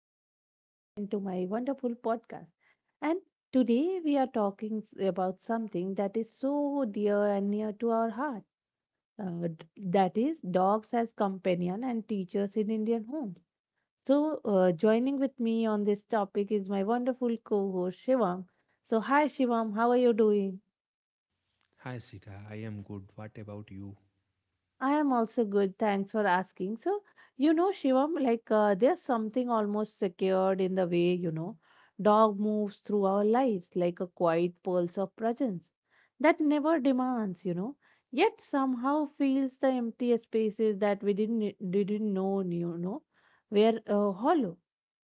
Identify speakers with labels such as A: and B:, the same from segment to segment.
A: and welcome again to my wonderful podcast. And today we are talking about something that is so dear and near to our heart, that is, dogs as companion and teachers in Indian homes. So, joining with me on this topic is my wonderful co host Shivam. So, hi Shivam, how are you doing?
B: Hi Sika, I am good. What about you?
A: I am also good. Thanks for asking. So, Shivam, there's something almost secured in the way, dog moves through our lives like a quiet pulse of presence that never demands, yet somehow fills the empty spaces that we didn't know, were hollow.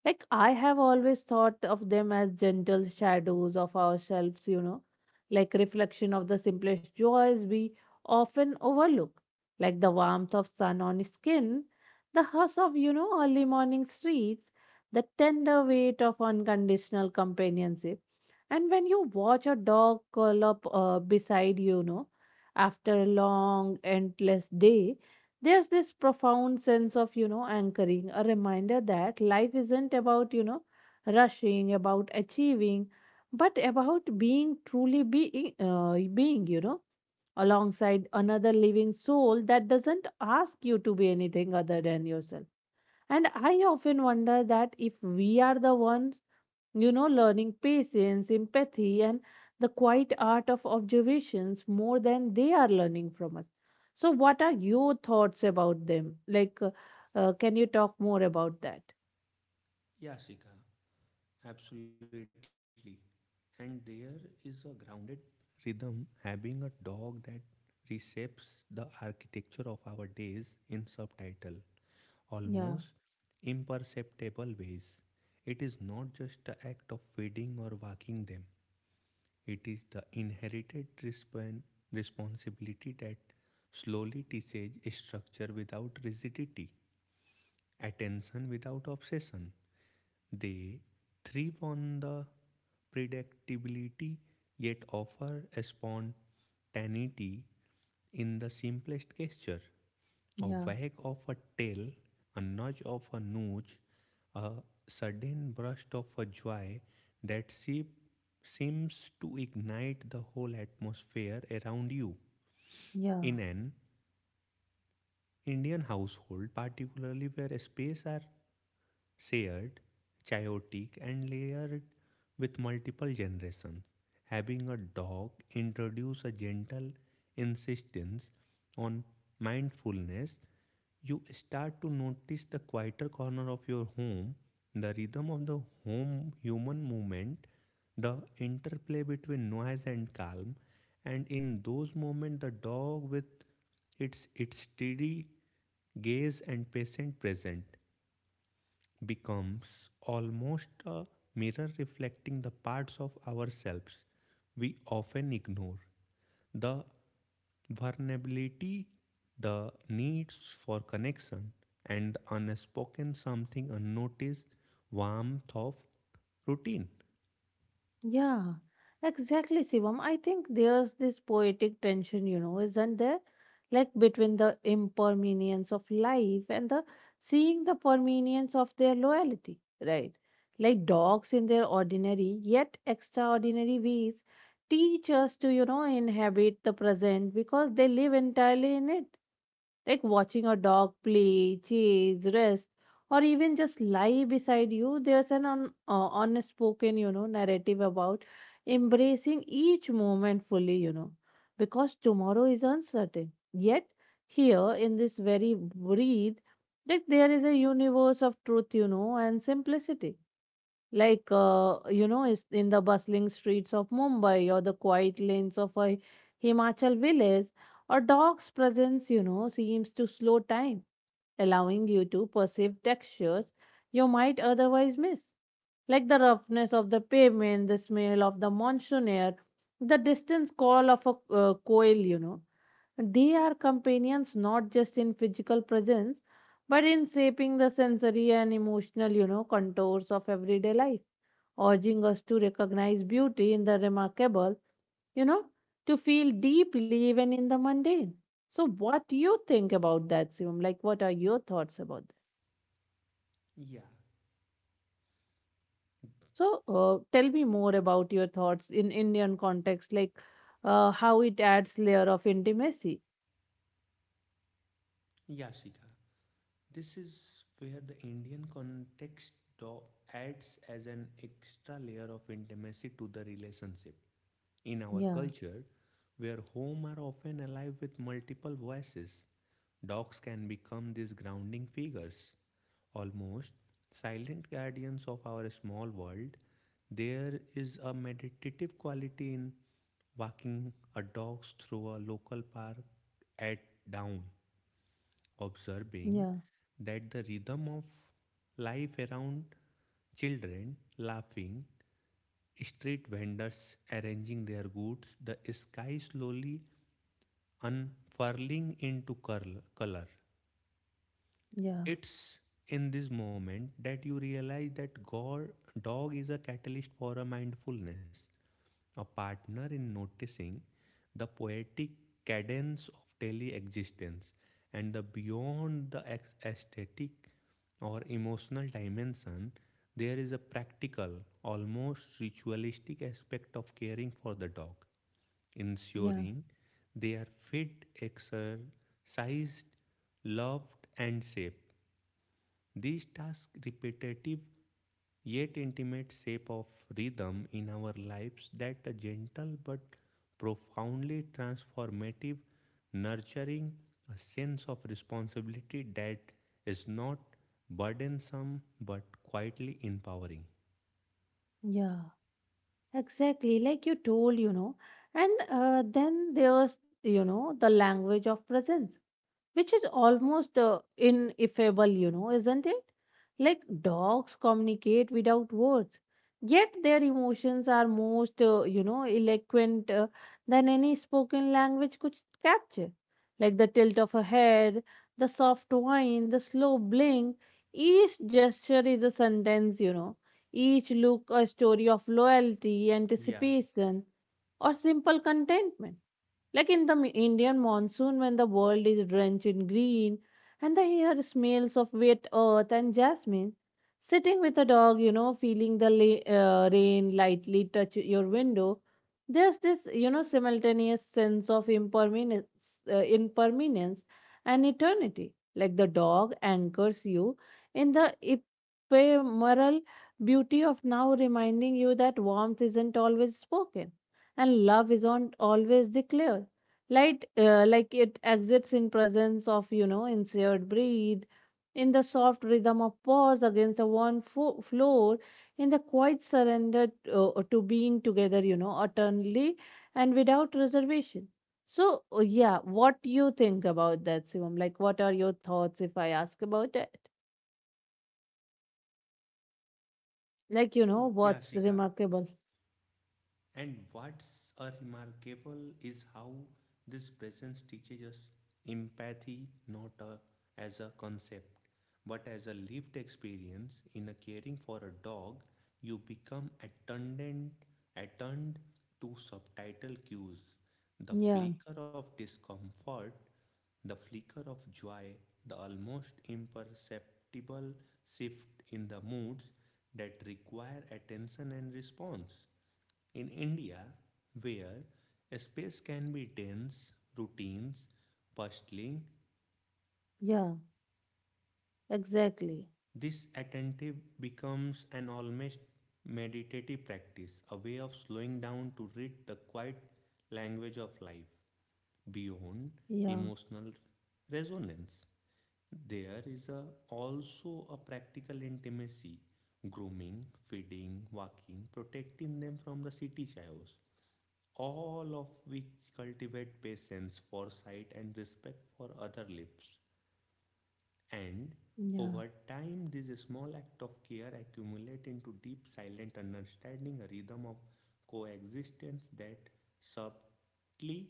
A: Like I have always thought of them as gentle shadows of ourselves, like reflection of the simplest joys we often overlook, like the warmth of sun on skin, the hush of early morning streets, the tender weight of unconditional companionship. And when you watch a dog curl up beside you, after a long, endless day, there's this profound sense of anchoring, a reminder that life isn't about rushing, about achieving, but about being, truly being, being alongside another living soul that doesn't ask you to be anything other than yourself. And I often wonder that if we are the ones, learning patience, empathy, and the quiet art of observations more than they are learning from us. So, what are your thoughts about them? Can you talk more about that?
B: Yeah, Sika, absolutely. And there is a grounded rhythm, having a dog that reshapes the architecture of our days in subtitle,
A: Yeah,
B: almost imperceptible ways. It is not just the act of feeding or walking them, it is the inherited responsibility that slowly teaches structure without rigidity. Attention without obsession. They thrive on the predictability yet offer a spontaneity in the simplest gesture. A
A: yeah,
B: wag of a tail, a nudge of a nudge, a sudden burst of a joy that seems to ignite the whole atmosphere around you.
A: yeah.
B: In an Indian household, particularly where space are shared, chaotic, and layered with multiple generations. Having a dog introduce a gentle insistence on mindfulness, you start to notice the quieter corner of your home, the rhythm of the home human movement, the interplay between noise and calm, and in those moments the dog with its steady gaze and patient present becomes almost a mirror reflecting the parts of ourselves we often ignore the vulnerability, the needs for connection, and the unspoken something unnoticed warmth of routine.
A: Yeah, exactly, Sivam. I think there's this poetic tension, isn't there? Like between the impermanence of life and the seeing the permanence of their loyalty, right? Like dogs, in their ordinary yet extraordinary ways, teach us to inhabit the present because they live entirely in it. Like watching a dog play, chase, rest, or even just lie beside you, there's an unspoken, narrative about embracing each moment fully, because tomorrow is uncertain. Yet, here in this very breathe, like there is a universe of truth, and simplicity, is in the bustling streets of mumbai or the quiet lanes of a himachal village. A dog's presence, seems to slow time, allowing you to perceive textures you might otherwise miss, like the roughness of the pavement, the smell of the monsoon air, the distant call of a coil, they are companions not just in physical presence, but in shaping the sensory and emotional, contours of everyday life, urging us to recognize beauty in the remarkable, you know, to feel deeply even in the mundane. So, what do you think about that, Shivam? Like, what are your thoughts about that?
B: Yeah,
A: So, tell me more about your thoughts in Indian context, like how it adds layer of intimacy.
B: yeah, Shikha. This is where the Indian context though adds as an extra layer of intimacy to the relationship. In our
A: Yeah,
B: culture, where home are often alive with multiple voices, dogs can become these grounding figures, almost silent guardians of our small world. There is a meditative quality in walking a dog through a local park at dawn, observing
A: yeah,
B: that the rhythm of life around children laughing, street vendors arranging their goods, the sky slowly unfurling into color.
A: yeah,
B: It's in this moment that you realize that God, dog is a catalyst for a mindfulness, a partner in noticing the poetic cadence of daily existence and the beyond the aesthetic or emotional dimension, there is a practical, almost ritualistic aspect of caring for the dog,
A: yeah,
B: ensuring they are fed, exercised, loved, and safe. These tasks, repetitive yet intimate shape of rhythm in our lives that a gentle but profoundly transformative, nurturing a sense of responsibility that is not burdensome but quietly empowering.
A: yeah. Exactly, like you told, And then there's the language of presence, which is almost ineffable, isn't it? Like dogs communicate without words, yet their emotions are most, eloquent than any spoken language could capture. Like the tilt of a head, the soft whine, the slow blink, each gesture is a sentence, each look a story of loyalty,
B: Yeah,
A: anticipation, or simple contentment. Like in the Indian monsoon, when the world is drenched in green and the air smells of wet earth and jasmine, sitting with a dog, feeling the rain lightly touch your window, there's this, simultaneous sense of impermanence, impermanence and eternity. Like the dog anchors you in the ephemeral beauty of now, reminding you that warmth isn't always spoken and love isn't always declared, like it exits in presence of, insured breathe, in the soft rhythm of pause against the worn floor, in the quiet surrender, to being together, eternally and without reservation. So, yeah, what you think about that, Sivam? Like what are your thoughts if I ask about it, like
B: yeah,
A: what's
B: Sika.
A: remarkable?
B: And what's a remarkable is how this presence teaches us empathy not a, as a concept but as a lived experience in a caring for a dog you become attendant attuned to subtitle cues the
A: yeah
B: flicker of discomfort the flicker of joy the almost imperceptible shift in the moods that require attention and response in India, where space can be dense, routines, bustling,
A: yeah Exactly.
B: this attentive becomes an almost meditative practice, a way of slowing down to read the quiet language of life. Beyond
A: yeah
B: emotional resonance, there is also a practical intimacy, grooming, feeding, walking, protecting them from the city chaos, all of which cultivate patience, foresight, and respect for other lives. And
A: yeah
B: over time, these small acts of care accumulate into deep, silent understanding, a rhythm of coexistence that subtly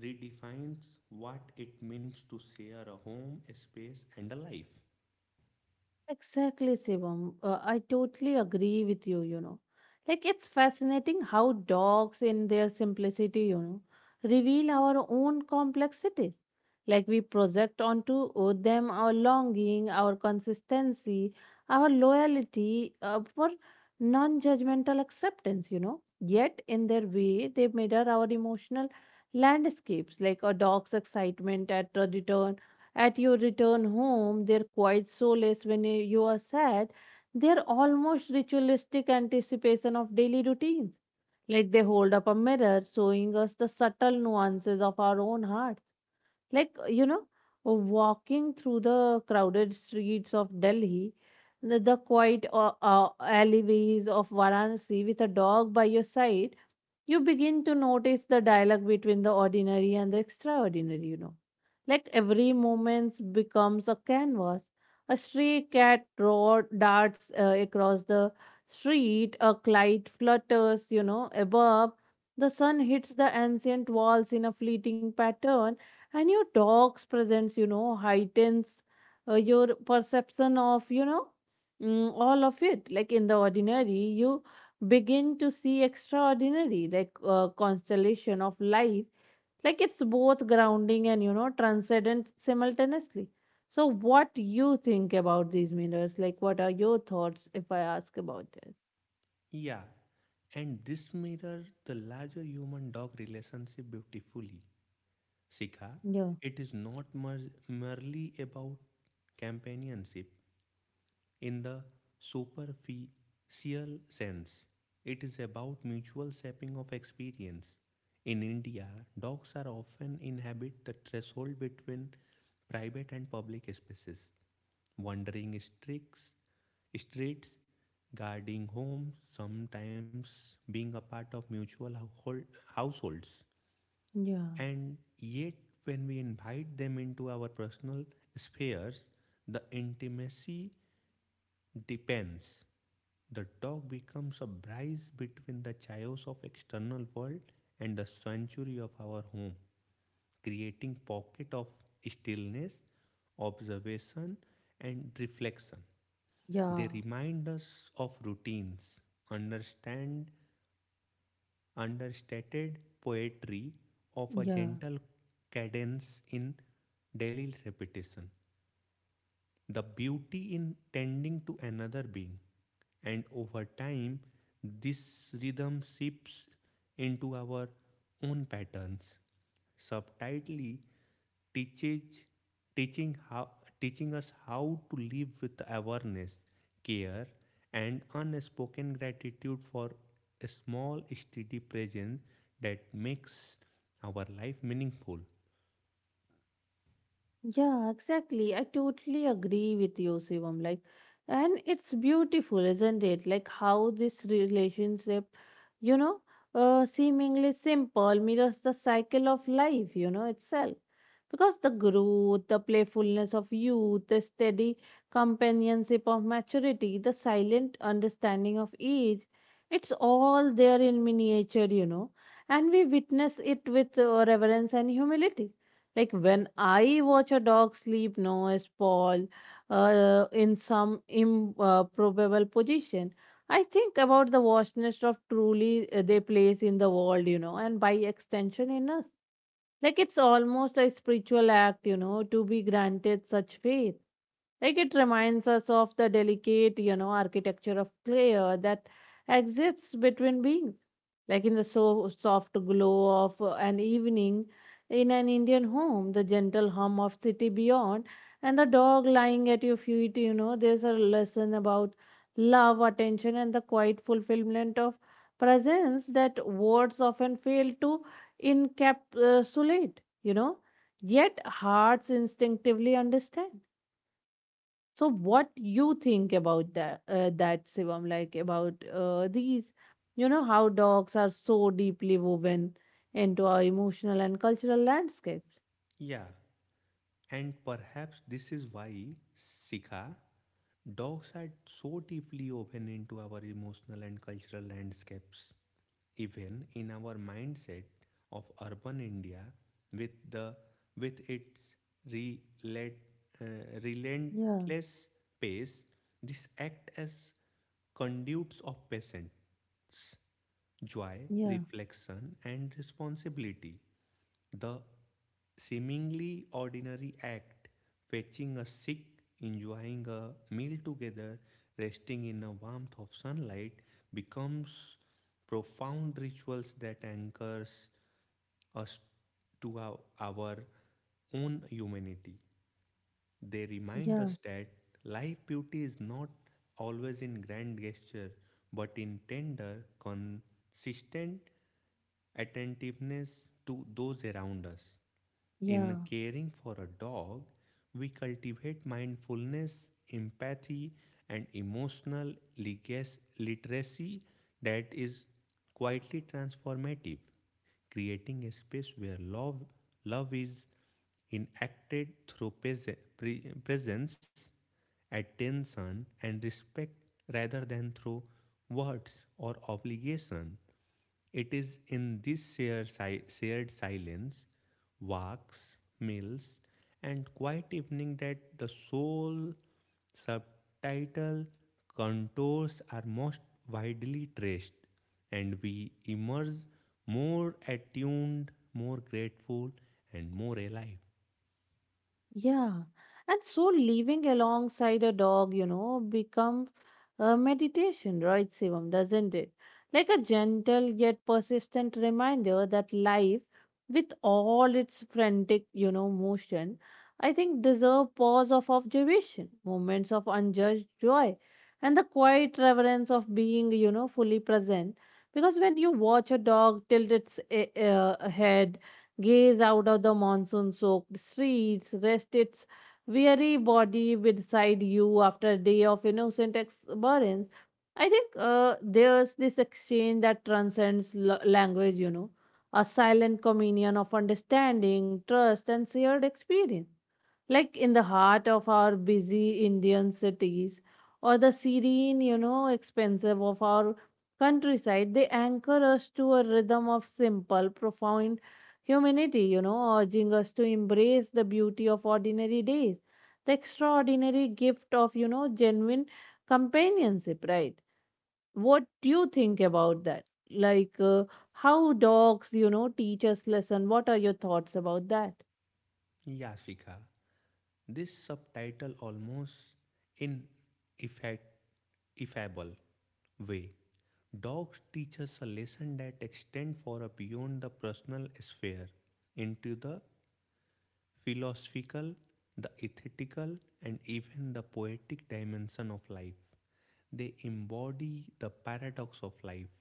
B: redefines what it means to share a home, a space, and a life.
A: Exactly, Sivam. I totally agree with you, you know. Like, it's fascinating how dogs, in their simplicity, reveal our own complexity. Like, we project onto them our longing, our consistency, our loyalty for non judgmental acceptance, Yet, in their way, they mirror our emotional landscapes, like a dog's excitement at the return at your return home, their quiet solace when you are sad, they're almost ritualistic anticipation of daily routines. Like they hold up a mirror, showing us the subtle nuances of our own hearts. Like, walking through the crowded streets of Delhi, the quiet alleyways of Varanasi with a dog by your side, you begin to notice the dialogue between the ordinary and the extraordinary, Like every moment becomes a canvas. A stray cat roar darts across the street, a kite flutters, above. The sun hits the ancient walls in a fleeting pattern, and your dog's presence, heightens your perception of, all of it. Like in the ordinary, you begin to see extraordinary, like constellation of life, like it's both grounding and, transcendent simultaneously. So what do you think about these mirrors? Like what are your thoughts if I ask about it?
B: Yeah, and this mirrors the larger human dog relationship beautifully. Sika,
A: Yeah,
B: it is not merely about companionship in the superficial sense. It is about mutual shaping of experience. In India, dogs are often inhabit the threshold between private and public spaces, wandering streets, guarding homes, sometimes being a part of mutual households.
A: yeah,
B: And yet, when we invite them into our personal spheres, the intimacy depends. The dog becomes a bridge between the chaos of external world and the sanctuary of our home, creating pocket of stillness, observation, and reflection. They
A: yeah,
B: remind us of routines, understand understated poetry of a
A: yeah.
B: gentle cadence in daily repetition, the beauty in tending to another being. And over time, this rhythm seeps into our own patterns, subtitly teaches, teaching, how, teaching us how to live with awareness, care, and unspoken gratitude for a small, steady presence that makes our life meaningful.
A: Yeah, exactly. I totally agree with you, Shivam. And it's beautiful, isn't it? Like how this relationship, you know, seemingly simple, mirrors the cycle of life, itself. Because the growth, the playfulness of youth, the steady companionship of maturity, the silent understanding of age, it's all there in miniature, and we witness it with reverence and humility. Like when I watch a dog sleep, no, a sprawl in some improbable position, I think about the vastness of truly they place in the world, and by extension in us. Like it's almost a spiritual act, to be granted such faith. Like it reminds us of the delicate, architecture of clay that exists between beings. Like in the so soft glow of an evening in an Indian home, the gentle hum of city beyond, and the dog lying at your feet, there's a lesson about love, attention, and the quiet fulfillment of presence that words often fail to encapsulate, you know, yet hearts instinctively understand. So what you think about that, Shivam, like about these, how dogs are so deeply woven into our emotional and cultural landscape?
B: Yeah, and perhaps this is why, Sikha, dogs are so deeply woven into our emotional and cultural landscapes. Even in our mindset of urban India, with the with its relent, uh,
A: Yeah,
B: relentless pace, this act as conduits of patience, joy,
A: yeah,
B: reflection, and responsibility. The seemingly ordinary act fetching a sick, enjoying a meal together, resting in the warmth of sunlight becomes profound rituals that anchors us to our own humanity. They remind
A: yeah,
B: us that life beauty is not always in grand gesture but in tender, consistent attentiveness to those around us.
A: yeah.
B: In caring for a dog, we cultivate mindfulness, empathy, and emotional literacy that is quietly transformative, creating a space where love is enacted through presence, attention, and respect rather than through words or obligation. It is in this shared silence, walks, meals, and quiet evening that the sole subtitle contours are most widely traced, and we emerge more attuned, more grateful, and more alive.
A: Yeah. And so living alongside a dog, become meditation, right, Shivam, doesn't it? Like a gentle yet persistent reminder that life, with all its frantic, motion, I think deserve pause of observation, moments of unjudged joy, and the quiet reverence of being, fully present. Because when you watch a dog tilt its head, gaze out of the monsoon-soaked streets, rest its weary body beside you after a day of innocent exuberance, I think there's this exchange that transcends language, a silent communion of understanding, trust, and shared experience. Like in the heart of our busy Indian cities or the serene, expensive of our countryside, they anchor us to a rhythm of simple, profound humanity, urging us to embrace the beauty of ordinary days, the extraordinary gift of, genuine companionship, right? What do you think about that? Like how dogs, teach us lesson. What are your thoughts about that?
B: Yeah, Shikha. This subtitle almost in effect ineffable way dogs teach us a lesson that extends far beyond the personal sphere into the philosophical, the ethical, and even the poetic dimension of life. They embody the paradox of life.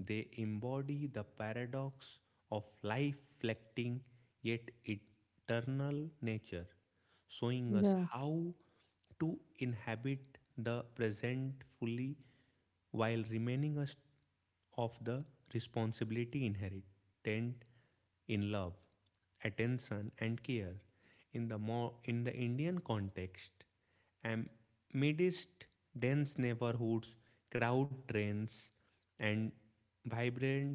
B: They embody the paradox of life reflecting yet eternal nature, showing us how to inhabit the present fully while remaining us of the responsibility inherent in love, attention, and care. In the Indian context, amidst dense neighborhoods, crowd trains, and vibrant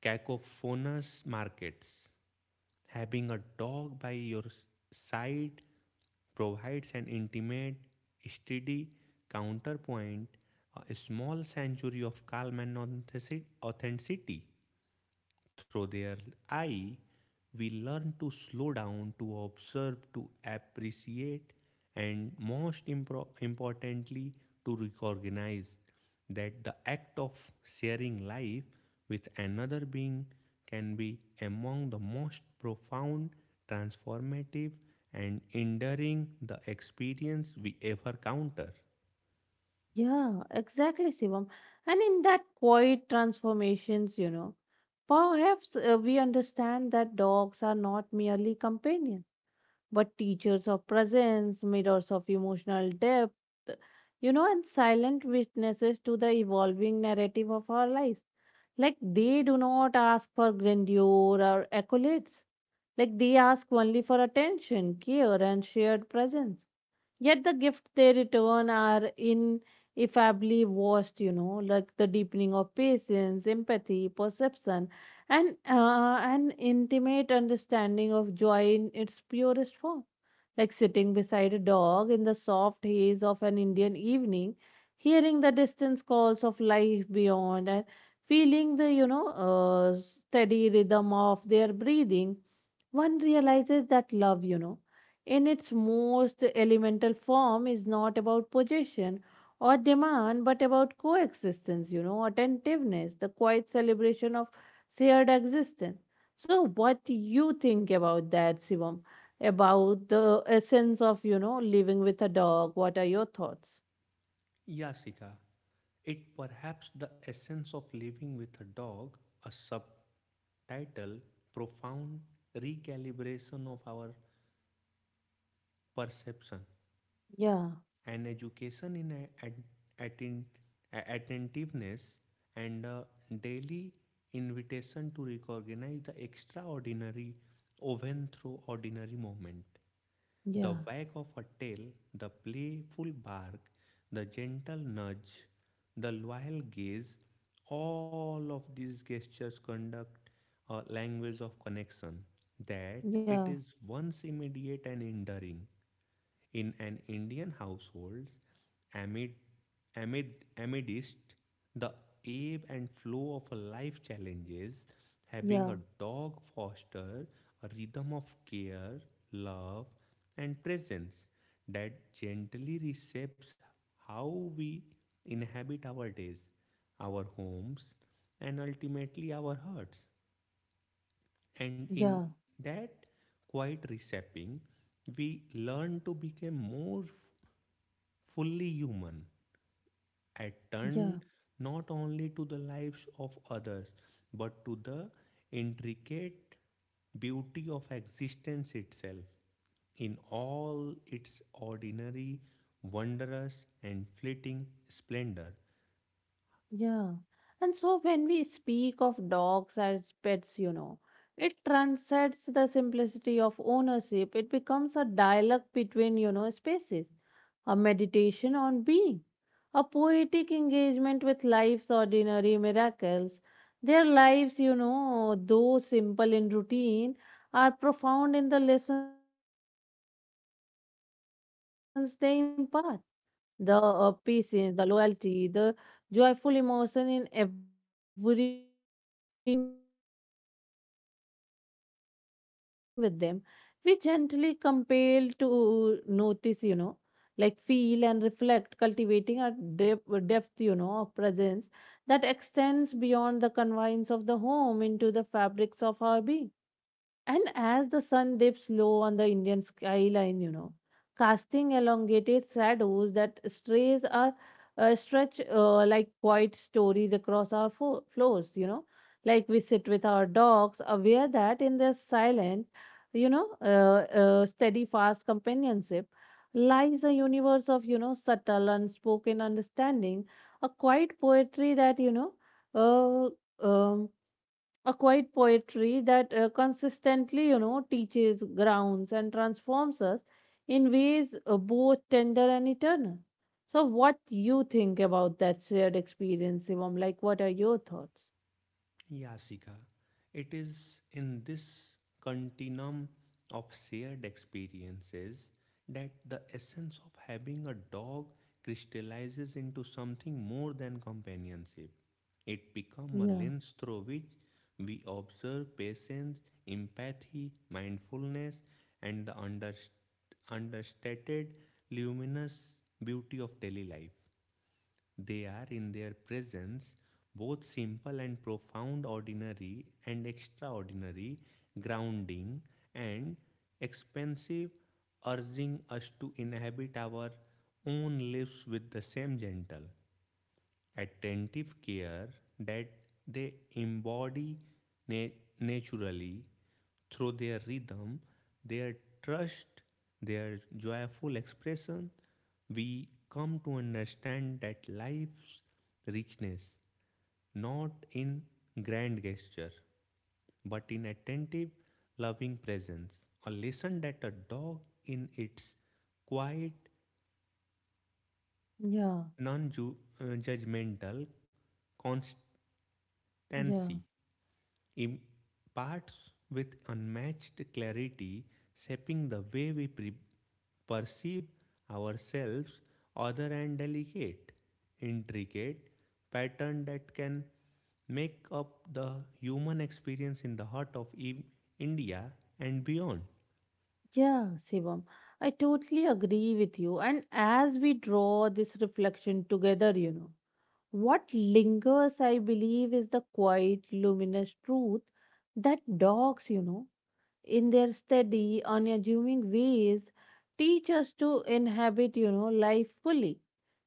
B: cacophonous markets, having a dog by your side provides an intimate, steady counterpoint, a small sanctuary of calm and authenticity through their eye, we learn to slow down, to observe, to appreciate, and most importantly, to recognize that the act of sharing life with another being can be among the most profound, transformative, and enduring the experience we ever counter.
A: Yeah, exactly, Shivam. And in that quiet transformations, perhaps we understand that dogs are not merely companions, but teachers of presence, mirrors of emotional depth, and silent witnesses to the evolving narrative of our lives. Like they do not ask for grandeur or accolades. Like they ask only for attention, care, and shared presence. Yet the gift they return are ineffably vast, like the deepening of patience, empathy, perception, and an intimate understanding of joy in its purest form, like sitting beside a dog in the soft haze of an Indian evening, hearing the distant calls of life beyond and feeling the, steady rhythm of their breathing, one realizes that love, in its most elemental form is not about possession or demand, but about coexistence, attentiveness, the quiet celebration of shared existence. So, what do you think about that, Shivam? About the essence of, living with a dog. What are your thoughts?
B: Yasika. It perhaps the essence of living with a dog, a subtitle, profound recalibration of our perception,
A: Yeah,
B: an education in atten- attentiveness, and a daily invitation to recognize the extraordinary even through ordinary moment. The
A: yeah,
B: wag of a tail, the playful bark, the gentle nudge, the loyal gaze, all of these gestures conduct a language of connection that
A: yeah,
B: it is once immediate and enduring. In an Indian household, amid, amid, amidst the ebb and flow of life challenges, having
A: yeah,
B: a dog fosters a rhythm of care, love, and presence that gently reshapes how we inhabit our days, our homes, and ultimately our hearts. And in
A: yeah,
B: that quiet reshaping, we learn to become more fully human,
A: yeah,
B: attuned not only to the lives of others, but to the intricate beauty of existence itself in all its ordinary, wondrous, and fleeting splendor.
A: yeah. And so when we speak of dogs as pets, it transcends the simplicity of ownership. It becomes a dialogue between, spaces. A meditation on being, a poetic engagement with life's ordinary miracles. Their lives, though simple in routine, are profound in the lessons they impart. The patience, the loyalty, the joyful emotion in every, moment, in sharing space, attention, and time with them, we gently compel to notice, like feel and reflect, cultivating a depth, of presence that extends beyond the confines of the home into the fabrics of our being. And as the sun dips low on the Indian skyline, casting elongated shadows that strays are stretch like quiet stories across our floors, like we sit with our dogs, aware that in their silent, steady, fast companionship lies a universe of, subtle, unspoken understanding, a quiet poetry that, you know, uh, um, a quiet poetry that consistently, teaches, grounds, and transforms us in ways both tender and eternal. So, what you think about that shared experience, Shivam? Like, what are your thoughts?
B: Yasika. It is in this continuum of shared experiences that the essence of having a dog crystallizes into something more than companionship. It becomes a
A: Yeah,
B: lens through which we observe patience, empathy, mindfulness, and the understated luminous beauty of daily life. They are in their presence both simple and profound, ordinary and extraordinary, grounding and expansive, urging us to inhabit our own lives with the same gentle, attentive care that they embody na- naturally through their rhythm, their trust, their joyful expression. We come to understand that life's richness not in grand gesture but in attentive, loving presence. A lesson that a dog, in its quiet,
A: yeah,
B: non judgmental
A: yeah.
B: constancy, imparts with unmatched clarity, shaping the way we perceive ourselves, other and delicate, intricate pattern that can make up the human experience in the heart of India and beyond.
A: Yeah, Shivam, I totally agree with you. And as we draw this reflection together, what lingers, I believe, is the quiet, luminous truth that dogs, in their steady, unassuming ways, teach us to inhabit, life fully,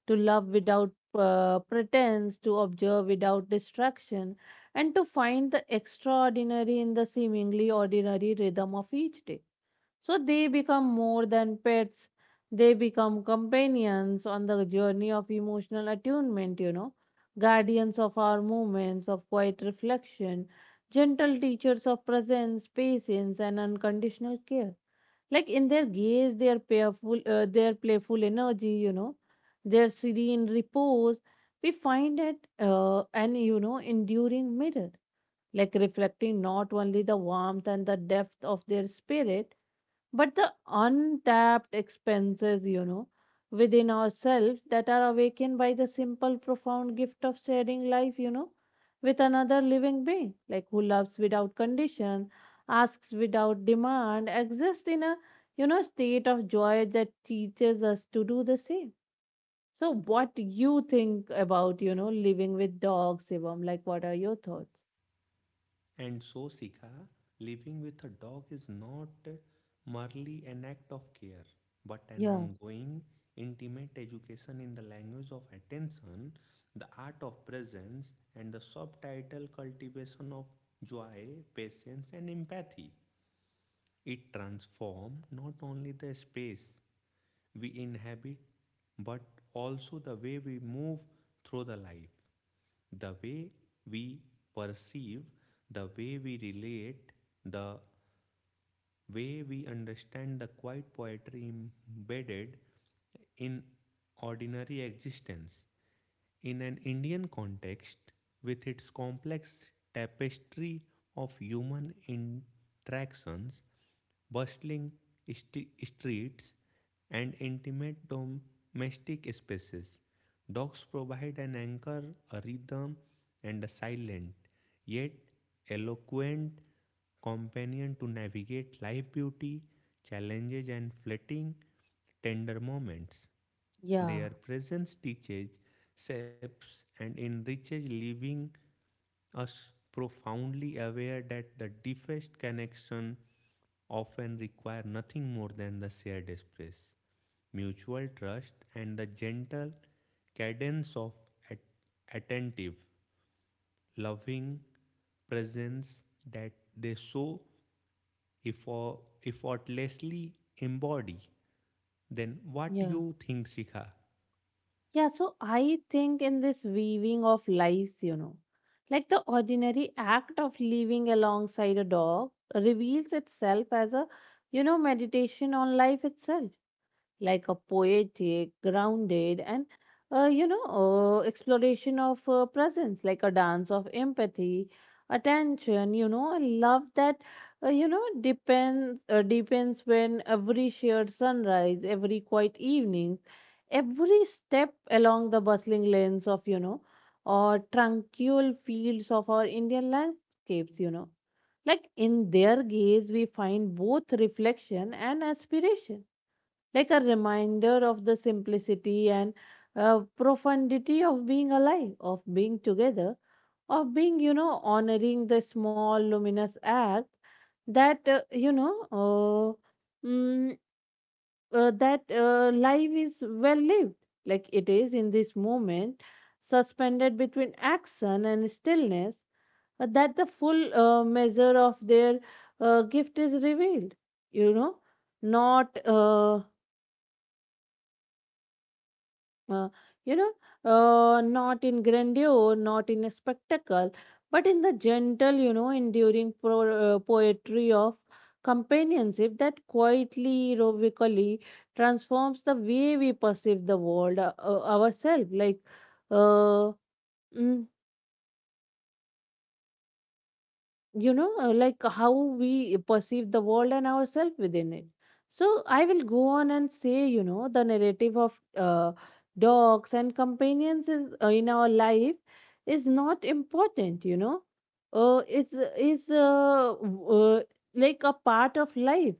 A: to love without pretense, to observe without distraction, and to find the extraordinary in the seemingly ordinary rhythm of each day. So they become more than pets, they become companions on the journey of emotional attunement, guardians of our moments of quiet reflection, gentle teachers of presence, patience, and unconditional care. Like in their gaze, their playful energy, their serene repose, we find it an enduring mirror, like reflecting not only the warmth and the depth of their spirit but the untapped expenses within ourselves that are awakened by the simple profound gift of sharing life with another living being, like who loves without condition, asks without demand, exists in a state of joy that teaches us to do the same. So what do you think about living with dogs, Shivam? Like, what are your thoughts?
B: And so, Sika, living with a dog is not merely an act of care, but an
A: Yeah,
B: ongoing, intimate education in the language of attention, the art of presence, and the subtitle cultivation of joy, patience, and empathy. It transforms not only the space we inhabit, but also the way we move through the life, the way we perceive, the way we relate, the way we understand the quiet poetry embedded in ordinary existence. In an Indian context, with its complex tapestry of human interactions, bustling streets, and intimate domestic spaces, dogs provide an anchor, a rhythm, and a silent, yet eloquent companion to navigate life beauty, challenges, and fleeting, tender moments.
A: yeah,
B: Their presence teaches, shapes, and enriches, leaving us profoundly aware that the deepest connection often require nothing more than the shared space, mutual trust, and the gentle cadence of at- attentive, loving presence that they so effortlessly embody. Then, what
A: yeah.
B: you think, Sikha?
A: Yeah, so I think in this weaving of lives, like the ordinary act of living alongside a dog reveals itself as a, meditation on life itself, like a poetic, grounded, and exploration of presence, like a dance of empathy, attention. I love that. Depends when every shared sunrise, every quiet evening, every step along the bustling lanes of or tranquil fields of our Indian landscapes. You know, like in their gaze, we find both reflection and aspiration, like a reminder of the simplicity and profundity of being alive, of being together, of being, honoring the small luminous act that, you know, mm, that life is well lived, like it is in this moment, suspended between action and stillness, that the full measure of their gift is revealed. You know, not uh, you know, not in grandeur, not in a spectacle, but in the gentle, enduring poetry of companionship that quietly, heroically transforms the way we perceive the world, ourselves. Uh, mm, like how we perceive the world and ourselves within it. So I will go on and say, the narrative of dogs and companions is, in our life, is not important, it's is like a part of life.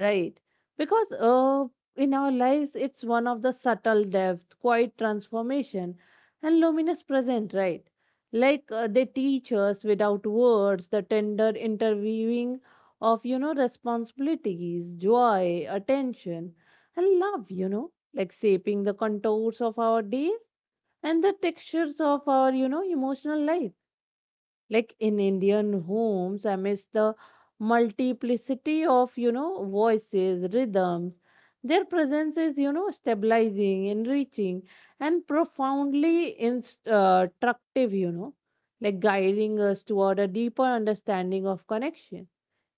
A: Right. Because in our lives, it's one of the subtle depth, quiet transformation, and luminous present, right? Like they teach us without words the tender interviewing of, responsibilities, joy, attention, and love, like shaping the contours of our days and the textures of our, emotional life. Like in Indian homes, amidst the multiplicity of voices, rhythms, their presence is, stabilizing, enriching, and profoundly instructive, like guiding us toward a deeper understanding of connection,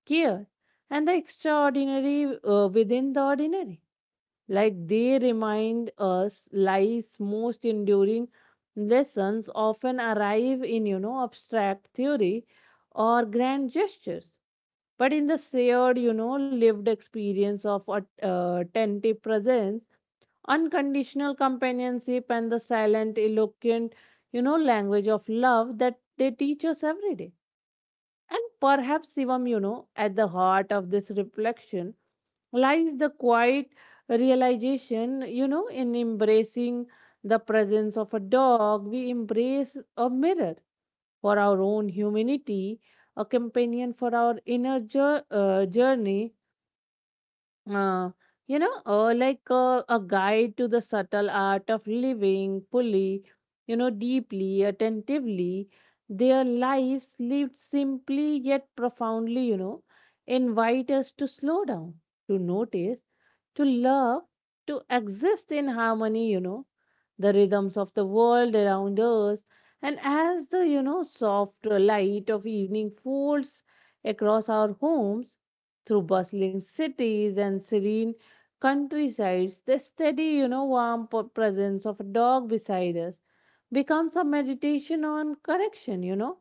A: care, and the extraordinary within the ordinary. Like they remind us life's most enduring lessons often arrive in, abstract theory or grand gestures, but in the shared, lived experience of attentive presence, unconditional companionship, and the silent, eloquent, language of love that they teach us every day. And perhaps, Sivam, at the heart of this reflection lies the quiet realization, in embracing the presence of a dog, we embrace a mirror for our own humanity, a companion for our inner journey, uh, a guide to the subtle art of living fully, deeply, attentively. Their lives lived simply yet profoundly, invite us to slow down, to notice, to love, to exist in harmony, the rhythms of the world around us. And as the, soft light of evening folds across our homes, through bustling cities and serene countrysides, the steady, warm presence of a dog beside us becomes a meditation on correction,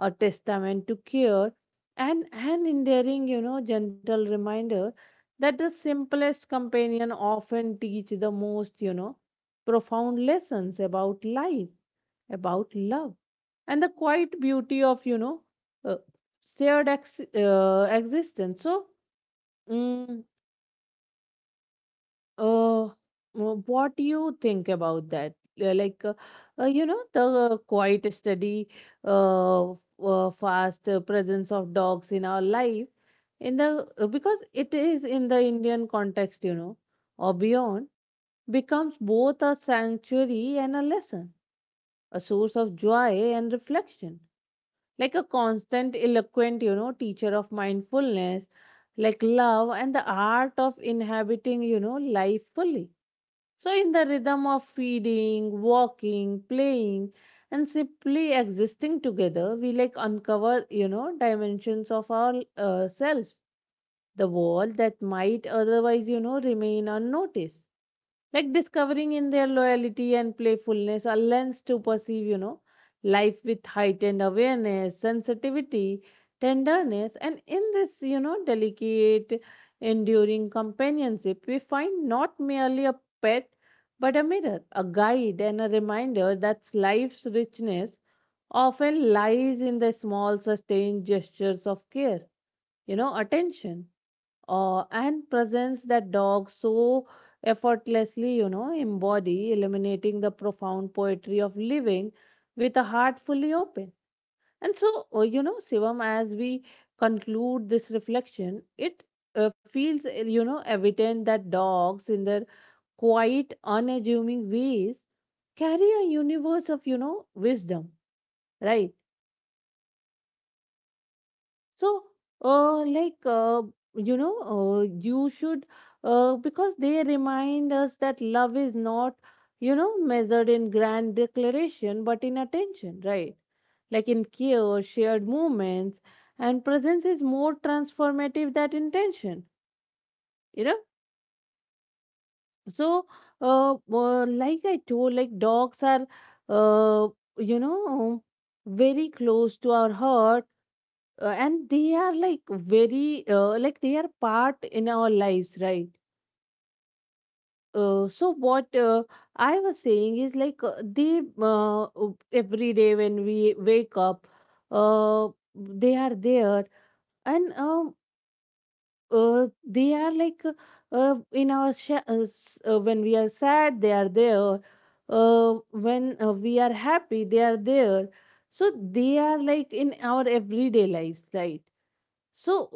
A: a testament to care, and an endearing, gentle reminder that the simplest companion often teach the most, profound lessons about life, about love, and the quiet beauty of uh, shared existence. So. Mm, uh, what do you think about that? Like, the quiet, steady, uh, fast presence of dogs in our life, in the because it is in the Indian context, or beyond, becomes both a sanctuary and a lesson, a source of joy and reflection. Like a constant, eloquent, teacher of mindfulness, like love and the art of inhabiting, life fully. So, in the rhythm of feeding, walking, playing, and simply existing together, we like uncover, dimensions of our selves, the world that might otherwise, remain unnoticed. Like discovering in their loyalty and playfulness a lens to perceive, life with heightened awareness, sensitivity, tenderness. And in this, delicate, enduring companionship, we find not merely a pet, but a mirror, a guide, and a reminder that life's richness often lies in the small, sustained gestures of care, attention, or and presence that dogs so effortlessly, embody, illuminating the profound poetry of living with a heart fully open. And so, Sivam, as we conclude this reflection, it feels, evident that dogs in their quite unassuming ways carry a universe of wisdom, right? So, uh like uh, you know uh, you should, because they remind us that love is not measured in grand declaration but in attention, right? Like in care, shared moments, and presence is more transformative than intention, you know So, like I told, like dogs are, uh, you know, very close to our heart, and they are like very, like they are part in our lives, right? So what I was saying is, like they every day when we wake up, they are there, and they are like in our when we are sad, they are there. When we are happy, they are there. So they are like in our everyday lives, right? So,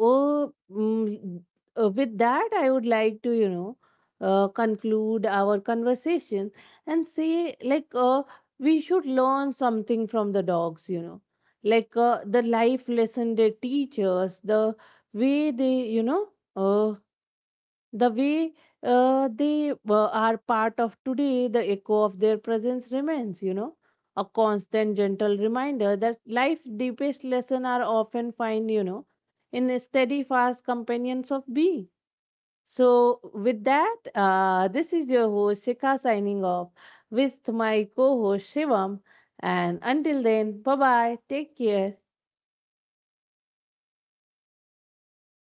A: uh, mm, with that, I would like to, conclude our conversation and say, like, we should learn something from the dogs, like the life lesson they teach us, the way they, uh, the way they are part of today, the echo of their presence remains, a constant gentle reminder that life's deepest lessons are often find, in a steady fast companions of B. So with that, this is your host Shikha signing off with my co-host Shivam. And until then, bye bye. Take care.